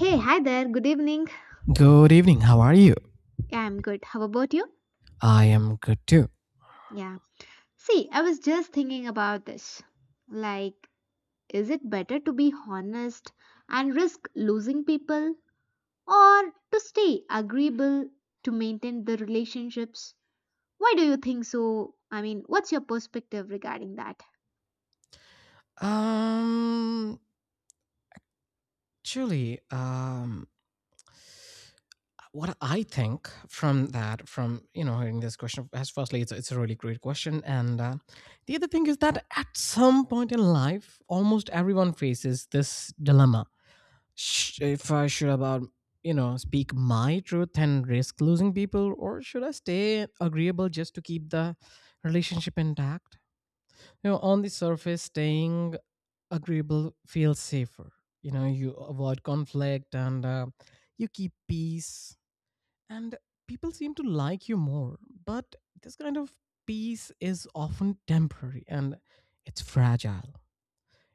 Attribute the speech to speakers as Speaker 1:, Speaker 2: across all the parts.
Speaker 1: Hey, hi there. Good evening.
Speaker 2: Good evening. How are you?
Speaker 1: Yeah, I'm good. How about you?
Speaker 2: I am good too.
Speaker 1: Yeah. See, I was just thinking about this. Like, is it better to be honest and risk losing people or to stay agreeable to maintain the relationships? Why do you think so? I mean, what's your perspective regarding that?
Speaker 2: Um, truly, what I think from that, hearing this question, as firstly, it's a really great question, and the other thing is that at some point in life, almost everyone faces this dilemma. If I should about you know speak my truth and risk losing people, or should I stay agreeable just to keep the relationship intact? You know, on the surface, staying agreeable feels safer. You know, you avoid conflict and you keep peace, and people seem to like you more. But this kind of peace is often temporary and it's fragile.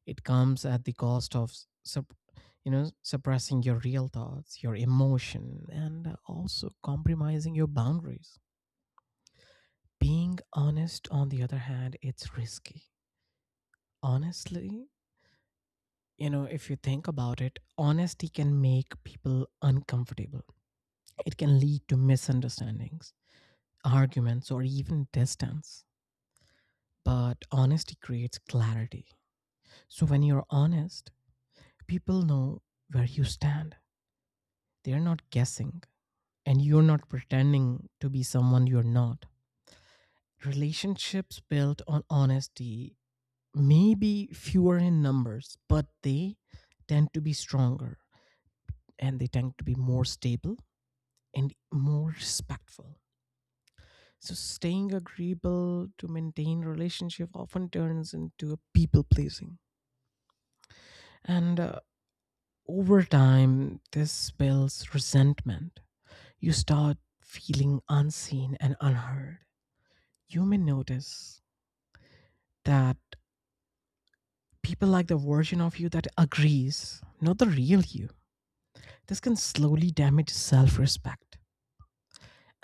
Speaker 2: It comes at the cost of sup- suppressing your real thoughts, your emotion, and also compromising your boundaries. Being honest, on the other hand, it's risky. Honestly, you know, if you think about it, honesty can make people uncomfortable. It can lead to misunderstandings, arguments, or even distance. But honesty creates clarity. So when you're honest, people know where you stand. They're not guessing, and you're not pretending to be someone you're not. Relationships built on honesty may be fewer in numbers, but they tend to be stronger, and they tend to be more stable and more respectful. So staying agreeable to maintain relationship often turns into a people pleasing. And over time, this builds resentment. You start feeling unseen and unheard. You may notice that people like the version of you that agrees, not the real you. This can slowly damage self respect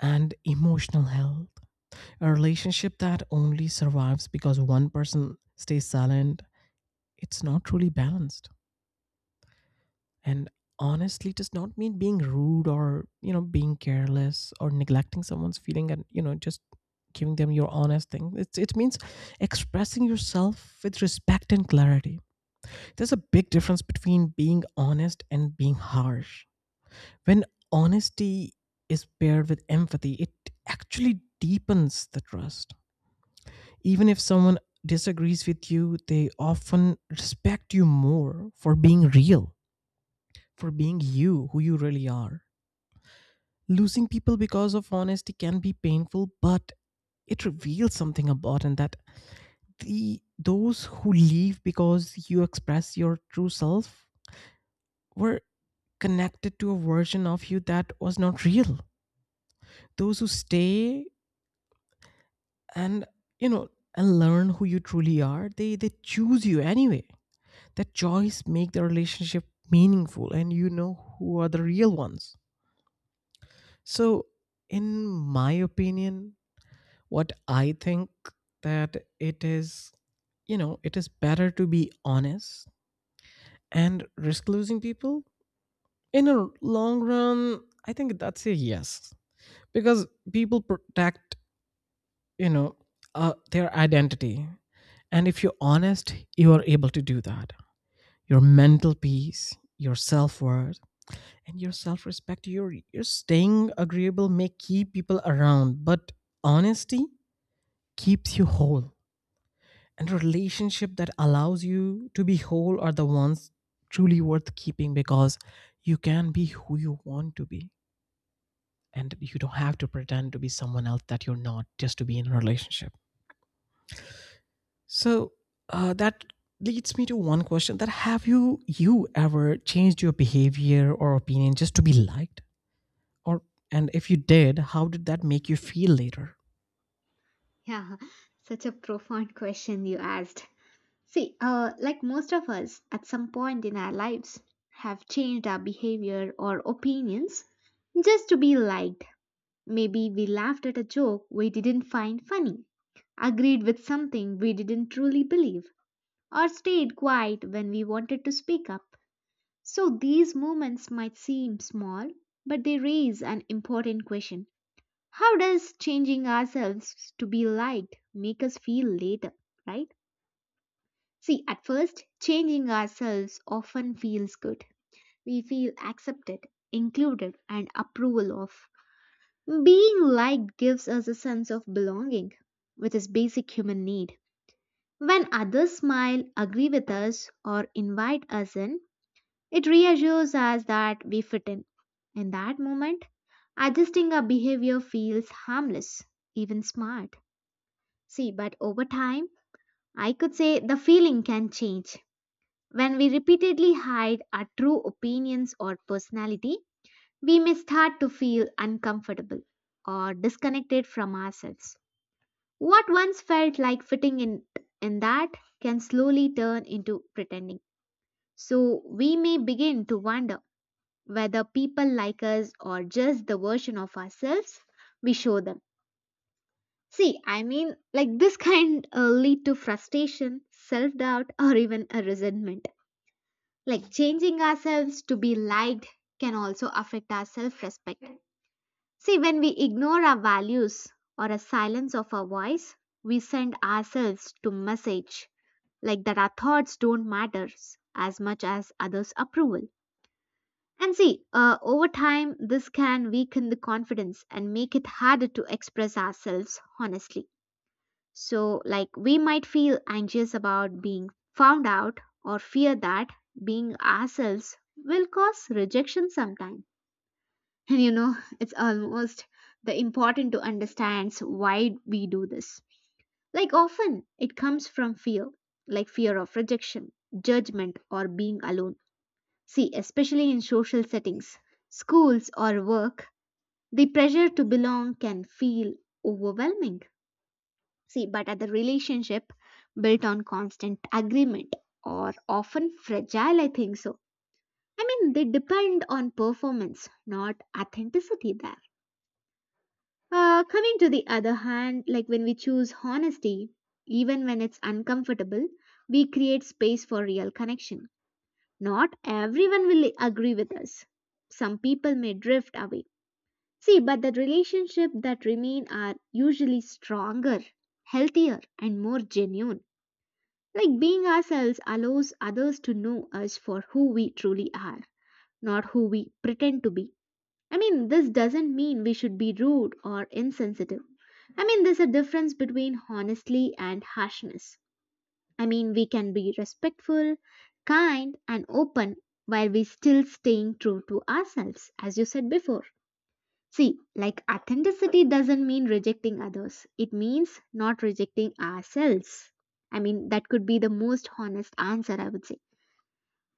Speaker 2: and emotional health. A relationship that only survives because one person stays silent, it's not truly balanced. And honestly does not mean being rude, or being careless, or neglecting someone's feeling, and just giving them your honest thing. It means expressing yourself with respect and clarity. There's a big difference between being honest and being harsh. When honesty is paired with empathy, it actually deepens the trust. Even if someone disagrees with you, they often respect you more for being real, for being you, who you really are. Losing people because of honesty can be painful, but it reveals something about, and that the those who leave because you express your true self were connected to a version of you that was not real. Those who stay and you know learn who you truly are, they choose you anyway. That choice make the relationship meaningful, and you know who are the real ones. So in my opinion, what I think, that it is, you know, it is better to be honest and risk losing people in a long run. I think that's a yes, because people protect, you know their identity. And if you're honest, you are able to do that: your mental peace, your self-worth, and your self-respect. Your staying agreeable may keep people around, but honesty keeps you whole. And relationship that allows you to be whole are the ones truly worth keeping, because you can be who you want to be, and you don't have to pretend to be someone else that you're not just to be in a relationship. So that leads me to one question: that have you ever changed your behavior or opinion just to be liked, or, and if you did, how did that make you feel later?
Speaker 1: Yeah, such a profound question you asked. See, like most of us, at some point in our lives, have changed our behavior or opinions just to be liked. Maybe we laughed at a joke we didn't find funny, agreed with something we didn't truly believe, or stayed quiet when we wanted to speak up. So these moments might seem small, but they raise an important question. How does changing ourselves to be liked make us feel later, right? See, at first, changing ourselves often feels good. We feel accepted, included, and approval of. Being liked gives us a sense of belonging, which is basic human need. When others smile, agree with us, or invite us in, it reassures us that we fit in. In that moment, adjusting our behavior feels harmless, even smart. See, but over time, I could say the feeling can change. When we repeatedly hide our true opinions or personality, we may start to feel uncomfortable or disconnected from ourselves. What once felt like fitting in that can slowly turn into pretending. So we may begin to wonder whether people like us or just the version of ourselves we show them. See, I mean, like this can lead to frustration, self doubt, or even a resentment. Like changing ourselves to be liked can also affect our self respect. See, when we ignore our values or a silence of our voice, we send ourselves to message like that our thoughts don't matter as much as others' approval. And see, over time, this can weaken the confidence and make it harder to express ourselves honestly. So, like, we might feel anxious about being found out or fear that being ourselves will cause rejection sometime. And you know, it's almost the important to understand why we do this. Like, often it comes from fear, like fear of rejection, judgment, or being alone. See, especially in social settings, schools, or work, the pressure to belong can feel overwhelming. See, but at the relationship built on constant agreement or often fragile, I think so. I mean, they depend on performance, not authenticity there. Coming to the other hand, like when we choose honesty, even when it's uncomfortable, we create space for real connection. Not everyone will agree with us. Some people may drift away. See, but the relationship that remain are usually stronger, healthier, and more genuine. Like being ourselves allows others to know us for who we truly are, not who we pretend to be. I mean, this doesn't mean we should be rude or insensitive. I mean, there's a difference between honesty and harshness. I mean, we can be respectful, kind, and open while we still staying true to ourselves, as you said before. See, like authenticity doesn't mean rejecting others, it means not rejecting ourselves. I mean, that could be the most honest answer, I would say.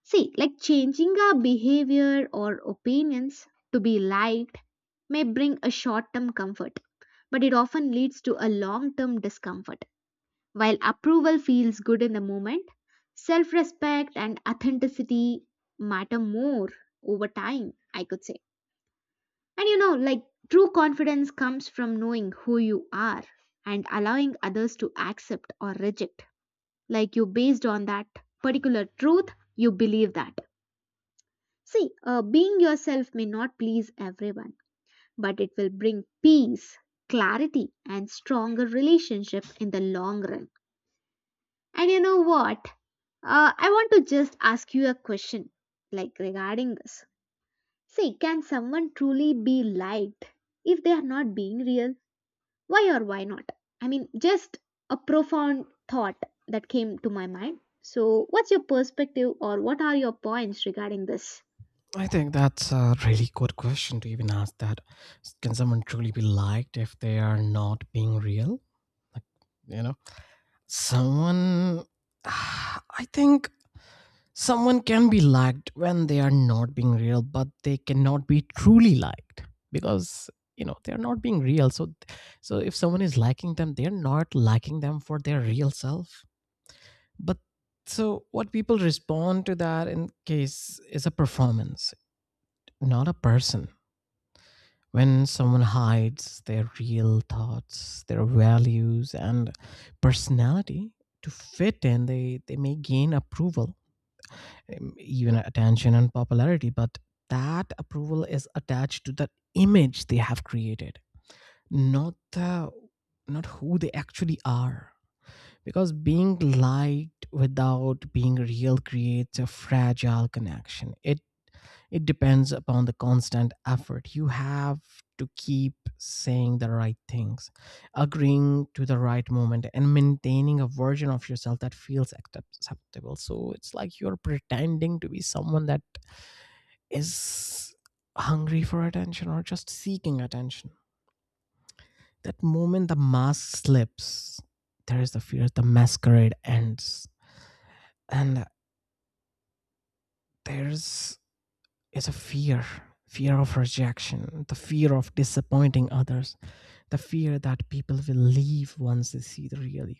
Speaker 1: See, like changing our behavior or opinions to be liked may bring a short term comfort, but it often leads to a long term discomfort. While approval feels good in the moment, self respect and authenticity matter more over time, I could say. And you know, like true confidence comes from knowing who you are and allowing others to accept or reject. Like you based on that particular truth, you believe that. See, being yourself may not please everyone, but it will bring peace, clarity, and stronger relationship in the long run. And you know what? I want to just ask you a question, like regarding this. See, can someone truly be liked if they are not being real? Why or why not? I mean, just a profound thought that came to my mind. So, what's your perspective or what are your points regarding this?
Speaker 2: I think that's a really good question to even ask that. Can someone truly be liked if they are not being real? Like, you know. Someone, I think someone can be liked when they are not being real, but they cannot be truly liked, because you know they are not being real. So, so if someone is liking them, they are not liking them for their real self. But so what people respond to that in case is a performance, not a person. When someone hides their real thoughts, their values, and personality to fit in, they may gain approval, even attention and popularity, but that approval is attached to the image they have created, not the, not who they actually are. Because being liked without being real creates a fragile connection. It depends upon the constant effort. You have to keep saying the right things, agreeing to the right moment, and maintaining a version of yourself that feels acceptable. So it's like you're pretending to be someone that is hungry for attention or just seeking attention. That moment the mask slips, there is the fear, the masquerade ends. And there's is a fear, fear of rejection, the fear of disappointing others, the fear that people will leave once they see the real you.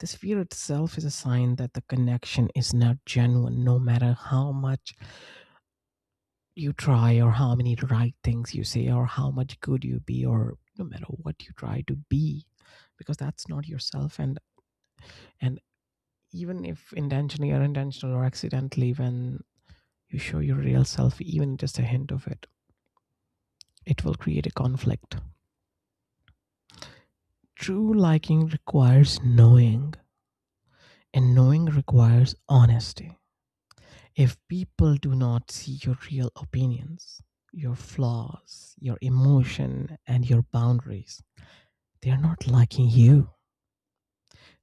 Speaker 2: This fear itself is a sign that the connection is not genuine, no matter how much you try, or how many right things you say, or how much good you be, or no matter what you try to be, because that's not yourself. And even if intentionally, or intentional or accidentally, when you show your real self, even just a hint of it, it will create a conflict. True liking requires knowing, and knowing requires honesty. If people do not see your real opinions, your flaws, your emotion, and your boundaries, they're not liking you.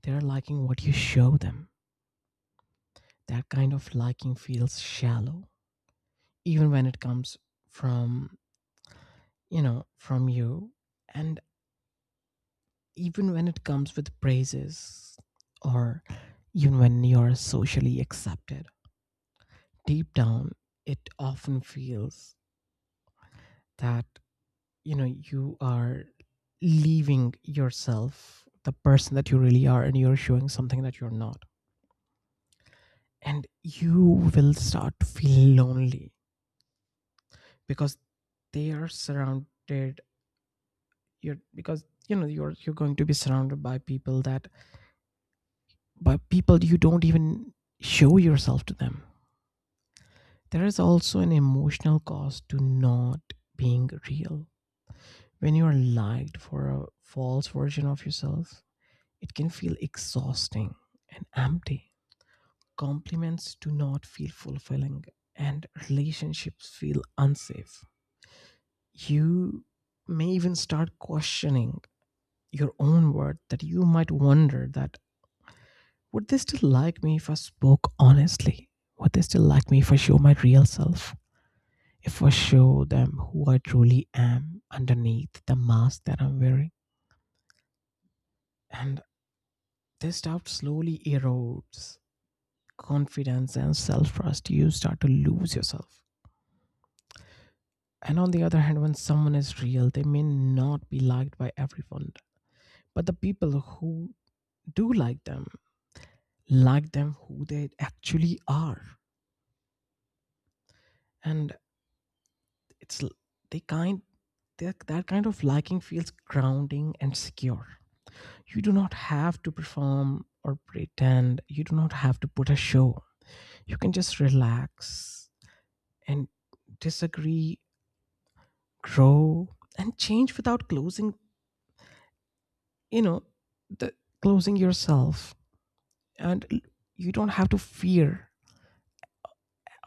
Speaker 2: They're liking what you show them. That kind of liking feels shallow, even when it comes from, you know, from you. And even when it comes with praises, or even when you're socially accepted, deep down, it often feels that you know you are leaving yourself, the person that you really are, and you're showing something that you're not. And you will start to feel lonely because they are surrounded, you're, because you know you're going to be surrounded by people that, by people you don't even show yourself to them. There is also an emotional cost to not being real. When you are liked for a false version of yourself, it can feel exhausting and empty. Compliments do not feel fulfilling, and relationships feel unsafe. You may even start questioning your own worth, that you might wonder that, would they still like me if I spoke honestly? Would they still like me if I show my real self? If I show them who I truly am underneath the mask that I'm wearing? And this doubt slowly erodes confidence and self trust. You start to lose yourself. And on the other hand, when someone is real, they may not be liked by everyone, but the people who do like them who they actually are. And it's, they kind that that kind of liking feels grounding and secure. You do not have to perform or pretend. You do not have to put a show. You can just relax and disagree, grow, and change without closing, you know, the, closing yourself. and l- you don't have to fear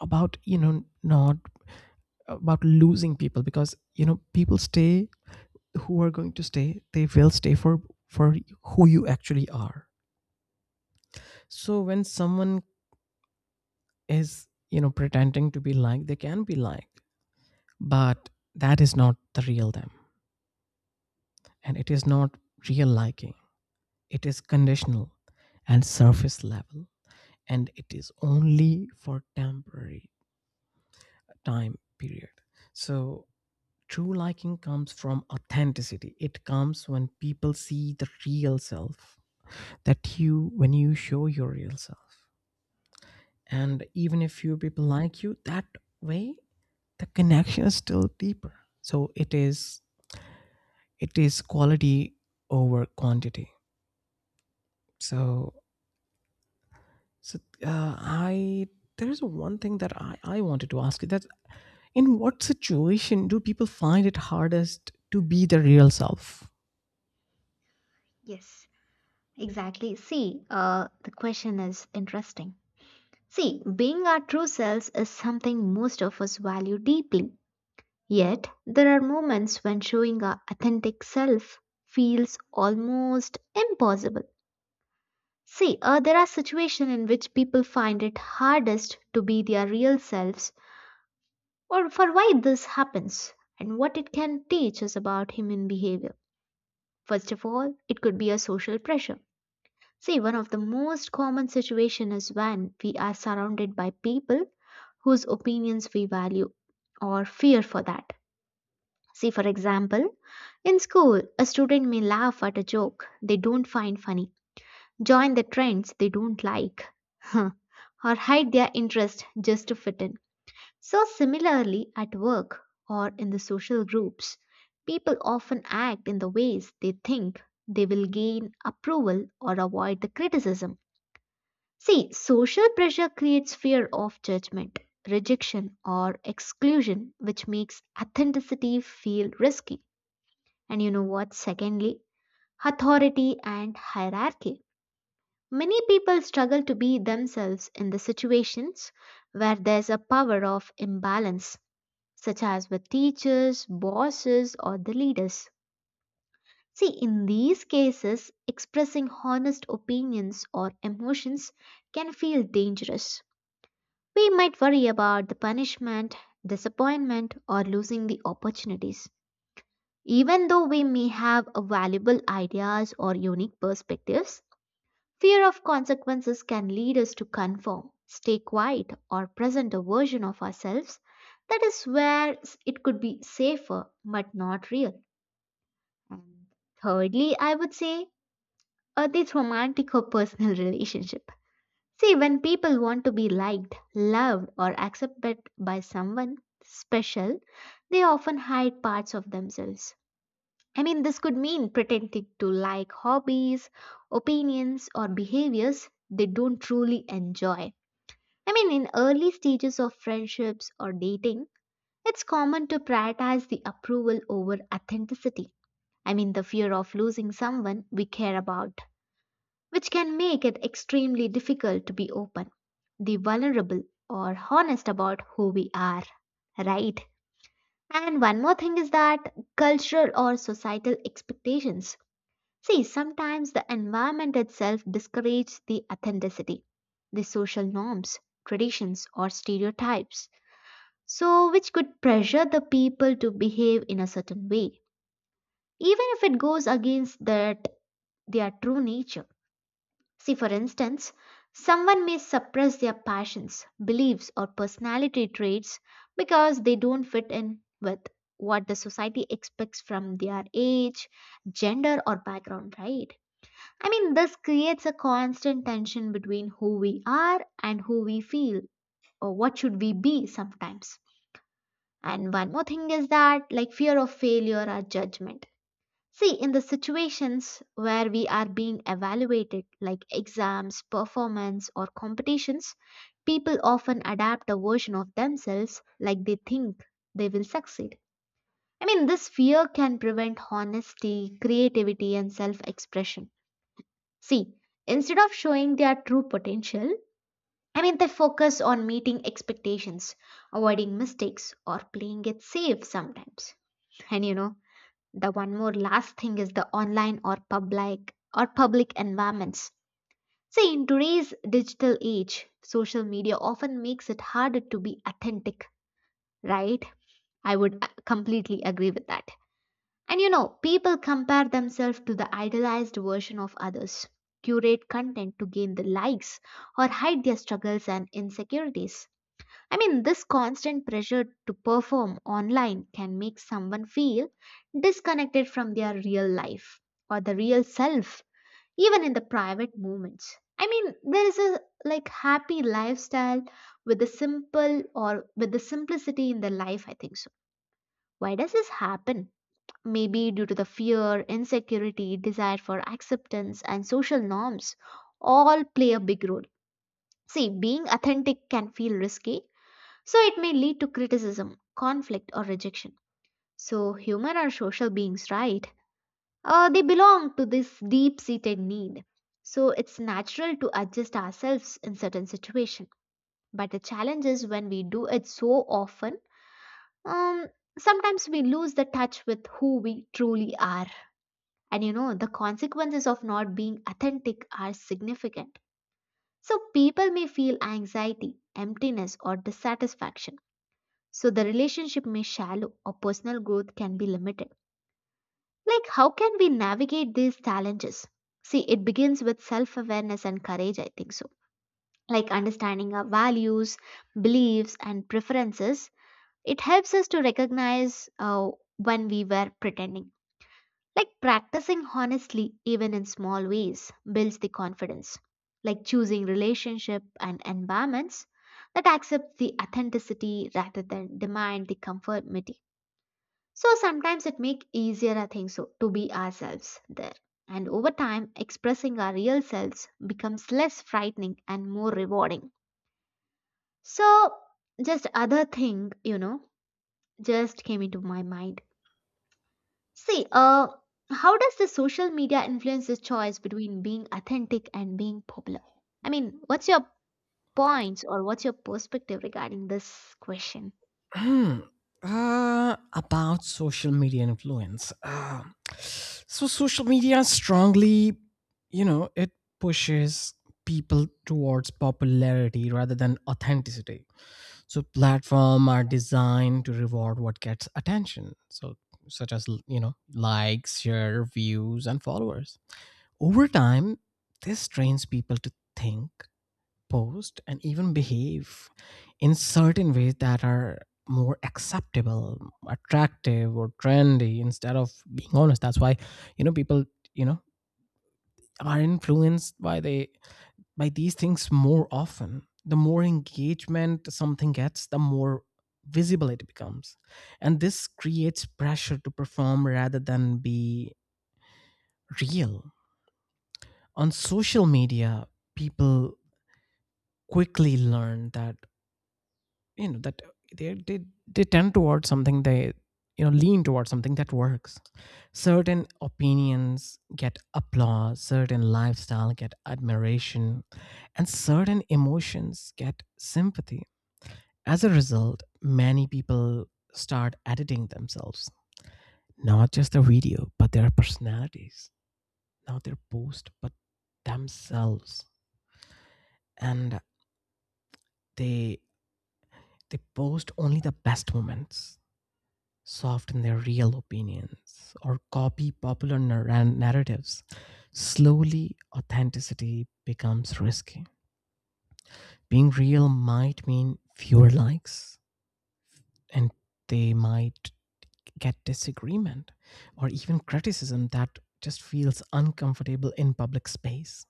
Speaker 2: about, you know, not about losing people, because you know people stay, who are going to stay, they will stay for who you actually are. So when someone is, you know, pretending to be like, they can be like, but that is not the real them, and it is not real liking. It is conditional and surface level, and it is only for temporary time period. So true liking comes from authenticity. It comes when people see the real self, that you, when you show your real self. And even if few people like you that way, the connection is still deeper. So it is, it is quality over quantity. So, so I there's one thing that I wanted to ask you that, in what situation do people find it hardest to be their real self?
Speaker 1: Yes, exactly. See, the question is interesting. See, being our true selves is something most of us value deeply. Yet, there are moments when showing our authentic self feels almost impossible. See, there are situations in which people find it hardest to be their real selves or for why this happens and what it can teach us about human behavior. First of all, it could be a social pressure. See, one of the most common situation is when we are surrounded by people whose opinions we value or fear for that. See, for example, in school, a student may laugh at a joke they don't find funny, join the trends they don't like, or hide their interest just to fit in. So, similarly, at work or in the social groups, people often act in the ways they think they will gain approval or avoid the criticism. See, social pressure creates fear of judgment, rejection, or exclusion, which makes authenticity feel risky. And you know what? Secondly, authority and hierarchy. Many people struggle to be themselves in the situations where there's a power of imbalance such as with teachers, bosses, or the leaders. See, in these cases, expressing honest opinions or emotions can feel dangerous. We might worry about the punishment, disappointment, or losing the opportunities. Even though we may have a valuable ideas or unique perspectives, fear of consequences can lead us to conform, stay quiet, or present a version of ourselves that is where it could be safer but not real. And thirdly, I would say this romantic or personal relationship. See, when people want to be liked, loved, or accepted by someone special, they often hide parts of themselves. I mean, this could mean pretending to like hobbies, opinions, or behaviors they don't truly enjoy. I mean, in early stages of friendships or dating, it's common to prioritize the approval over authenticity. I mean, the fear of losing someone we care about, which can make it extremely difficult to be open, the vulnerable, or honest about who we are, right? And one more thing is that cultural or societal expectations. See, sometimes the environment itself discourages the authenticity, the social norms, traditions, or stereotypes, so which could pressure the people to behave in a certain way, even if it goes against that their true nature. See, for instance, someone may suppress their passions, beliefs, or personality traits because they don't fit in with what the society expects from their age, gender, or background, right? I mean, this creates a constant tension between who we are and who we feel, or what should we be sometimes. And one more thing is that, like fear of failure or judgment. See, in the situations where we are being evaluated, like exams, performance, or competitions, people often adapt a version of themselves like they think they will succeed. I mean, this fear can prevent honesty, creativity, and self expression. See, instead of showing their true potential, I mean, they focus on meeting expectations, avoiding mistakes, or playing it safe sometimes. And you know, the one more last thing is the online or public environments. See, in today's digital age, social media often makes it harder to be authentic, right? I would completely agree with that. And you know, people compare themselves to the idealized version of others, curate content to gain the likes, or hide their struggles and insecurities. I mean, this constant pressure to perform online can make someone feel disconnected from their real life or the real self, even in the private moments. I mean, there is a like happy lifestyle with the simple or with the simplicity in the life, I think so. Why does this happen? Maybe due to the fear, insecurity, desire for acceptance, and social norms, all play a big role. See, being authentic can feel risky, so it may lead to criticism, conflict, or rejection. So, human are social beings, right? They belong to this deep seated need. So, it's natural to adjust ourselves in certain situations. But the challenge is when we do it so often, um, sometimes we lose the touch with who we truly are. And you know, the consequences of not being authentic are significant. So people may feel anxiety, emptiness, or dissatisfaction. So the relationship may shallow or personal growth can be limited. Like, how can we navigate these challenges? See, it begins with self awareness and courage, I think so. Like, understanding our values, beliefs, and preferences, it helps us to recognize when we were pretending. Like practicing honestly, even in small ways, builds the confidence. Like choosing relationship and environments that accept the authenticity rather than demand the conformity. So sometimes it makes easier, I think so, to be ourselves there. And over time, expressing our real selves becomes less frightening and more rewarding. So just other thing, just came into my mind. See, how does the social media influence the choice between being authentic and being popular? I mean, what's your points or what's your perspective regarding this question?
Speaker 2: Hmm. About social media influence. So, social media strongly, you know, it pushes people towards popularity rather than authenticity. So, platform are designed to reward what gets attention. So, such as you know, likes, share, views, and followers. Over time, this trains people to think, post, and even behave in certain ways that are more acceptable, attractive, or trendy instead of being honest. That's why, you know, people, you know, are influenced by, they, by these things more often. The more engagement something gets, the more visible it becomes. And this creates pressure to perform rather than be real. On social media, people quickly learn that, you know, that they they, they tend towards something, they, you know, lean towards something that works. Certain opinions get applause, certain lifestyle get admiration, and certain emotions get sympathy. As a result, many people start editing themselves, not just their video but their personalities, not their post but themselves. And they they post only the best moments, soften their real opinions, or copy popular narratives. Slowly authenticity becomes risky. Being real might mean fewer likes, and they might get disagreement or even criticism that just feels uncomfortable in public space.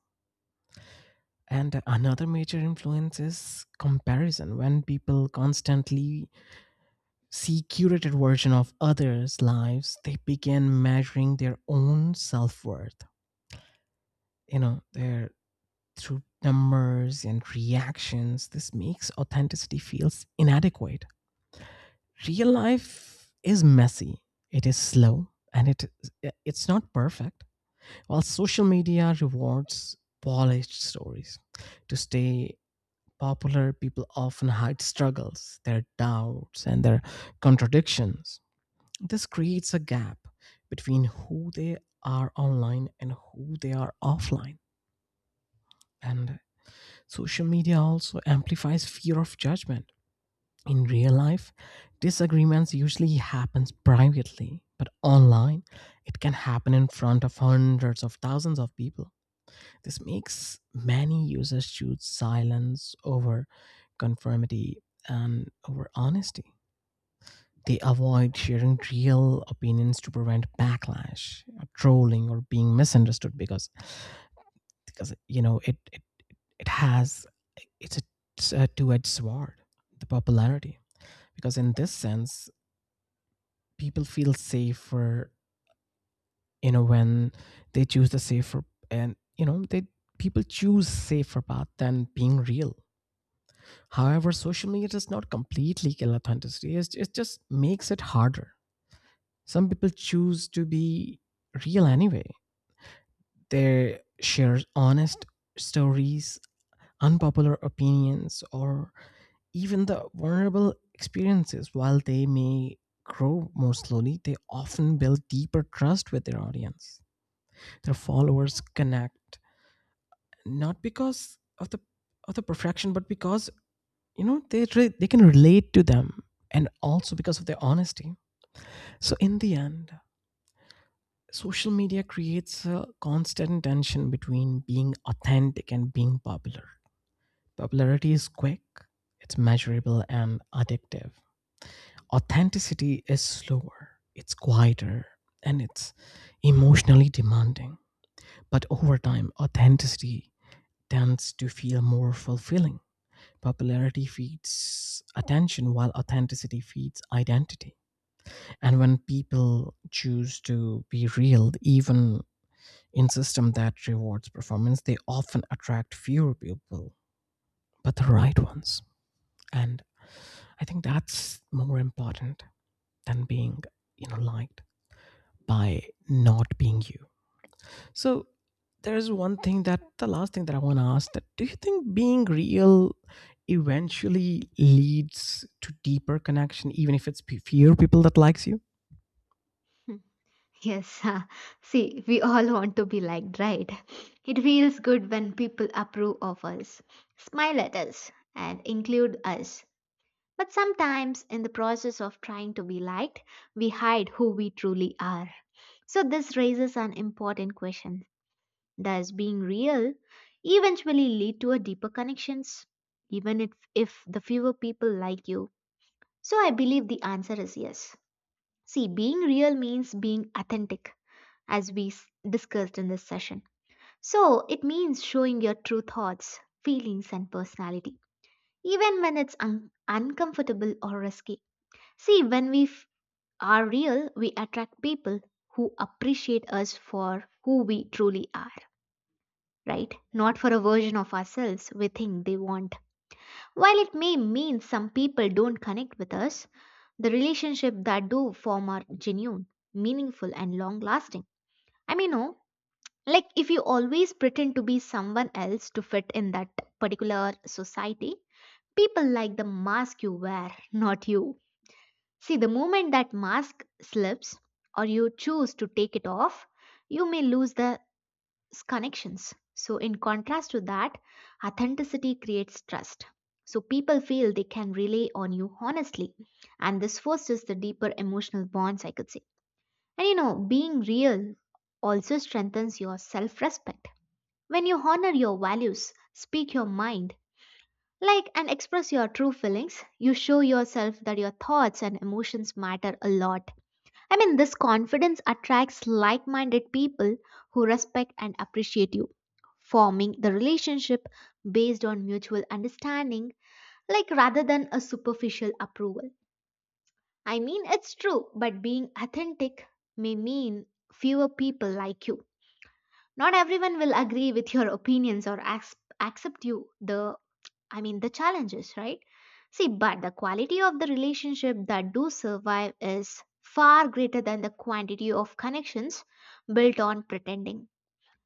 Speaker 2: And another major influence is comparison. When people constantly see curated version of others' lives, they begin measuring their own self-worth, you know, their, through numbers and reactions. This makes authenticity feels inadequate. Real life is messy. It is slow, and it's not perfect. While social media rewards polished stories. To stay popular, people often hide struggles, their doubts, and their contradictions. This creates a gap between who they are online and who they are offline. And social media also amplifies fear of judgment. In real life, disagreements usually happens privately, but online it can happen in front of hundreds of thousands of people. This makes many users choose silence over conformity and over honesty. They avoid sharing real opinions to prevent backlash, or trolling, or being misunderstood, because you know, it has, it's a, it's a two edged sword, the popularity. Because in this sense, people feel safer, you know, when they choose the safer, and, you know, they, people choose safer path than being real. However, social media does not completely kill authenticity. It's, it just makes it harder. Some people choose to be real anyway. They share honest stories, unpopular opinions, or even the vulnerable experiences. While they may grow more slowly, they often build deeper trust with their audience. Their followers connect not because of the, of the perfection, but because, you know, they can relate to them, and also because of their honesty. So in the end, social media creates a constant tension between being authentic and being popular. Popularity is quick, it's measurable and addictive. Authenticity is slower, it's quieter, and it's emotionally demanding. But over time, authenticity tends to feel more fulfilling. Popularity feeds attention while authenticity feeds identity. And when people choose to be real, even in system that rewards performance, they often attract fewer people, but the right ones. And I think that's more important than being, you know, liked by not being you. So there's one thing, that, the last thing that I want to ask, that do you think being real eventually leads to deeper connection even if it's fewer people that likes you?
Speaker 1: Hmm. Yes, see, we all want to be liked, right? It feels good when people approve of us, smile at us, and include us. But sometimes, in the process of trying to be liked, we hide who we truly are. So, this raises an important question. Does being real eventually lead to a deeper connections, even if the fewer people like you? So I believe the answer is yes. See, being real means being authentic, as discussed in this session. So it means showing your true thoughts, feelings, and personality, even when it's uncomfortable or risky. See, when are real, we attract people who appreciate us for who we truly are, right? Not for a version of ourselves we think they want. While it may mean some people don't connect with us, the relationship that do form are genuine, meaningful, and long lasting. I mean, no, like if you always pretend to be someone else to fit in that particular society, people like the mask you wear, not you. See, the moment that mask slips or you choose to take it off, you may lose the connections. So, in contrast to that, authenticity creates trust. So, people feel they can rely on you honestly, and this fosters the deeper emotional bonds, I could say. And you know, being real also strengthens your self respect. When you honor your values, speak your mind, like and express your true feelings, you show yourself that your thoughts and emotions matter a lot. I mean, this confidence attracts like minded people who respect and appreciate you, forming the relationship based on mutual understanding, like rather than a superficial approval. I mean, it's true, but being authentic may mean fewer people like you. Not everyone will agree with your opinions or accept you the, I mean, the challenges, right? See, but the quality of the relationship that do survive is far greater than the quantity of connections built on pretending.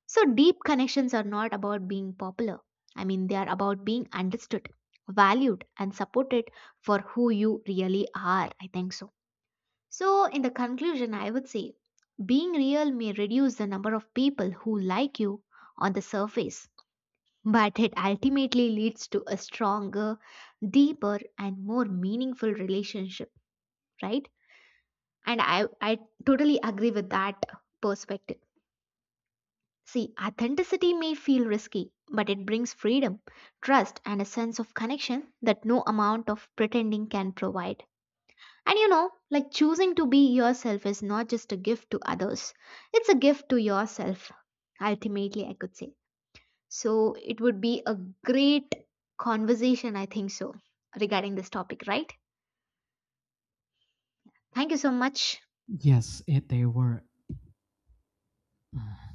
Speaker 1: So, deep connections are not about being popular. I mean, they are about being understood, valued, and supported for who you really are, I think so. So, in the conclusion, I would say being real may reduce the number of people who like you on the surface, but it ultimately leads to a stronger, deeper, and more meaningful relationship, right? And I totally agree with that perspective. See, authenticity may feel risky, but it brings freedom, trust, and a sense of connection that no amount of pretending can provide. And you know, like choosing to be yourself is not just a gift to others, it's a gift to yourself, ultimately, I could say. So it would be a great conversation, I think so, regarding this topic, right? Thank you so much.
Speaker 2: Yes, it they were. Uh,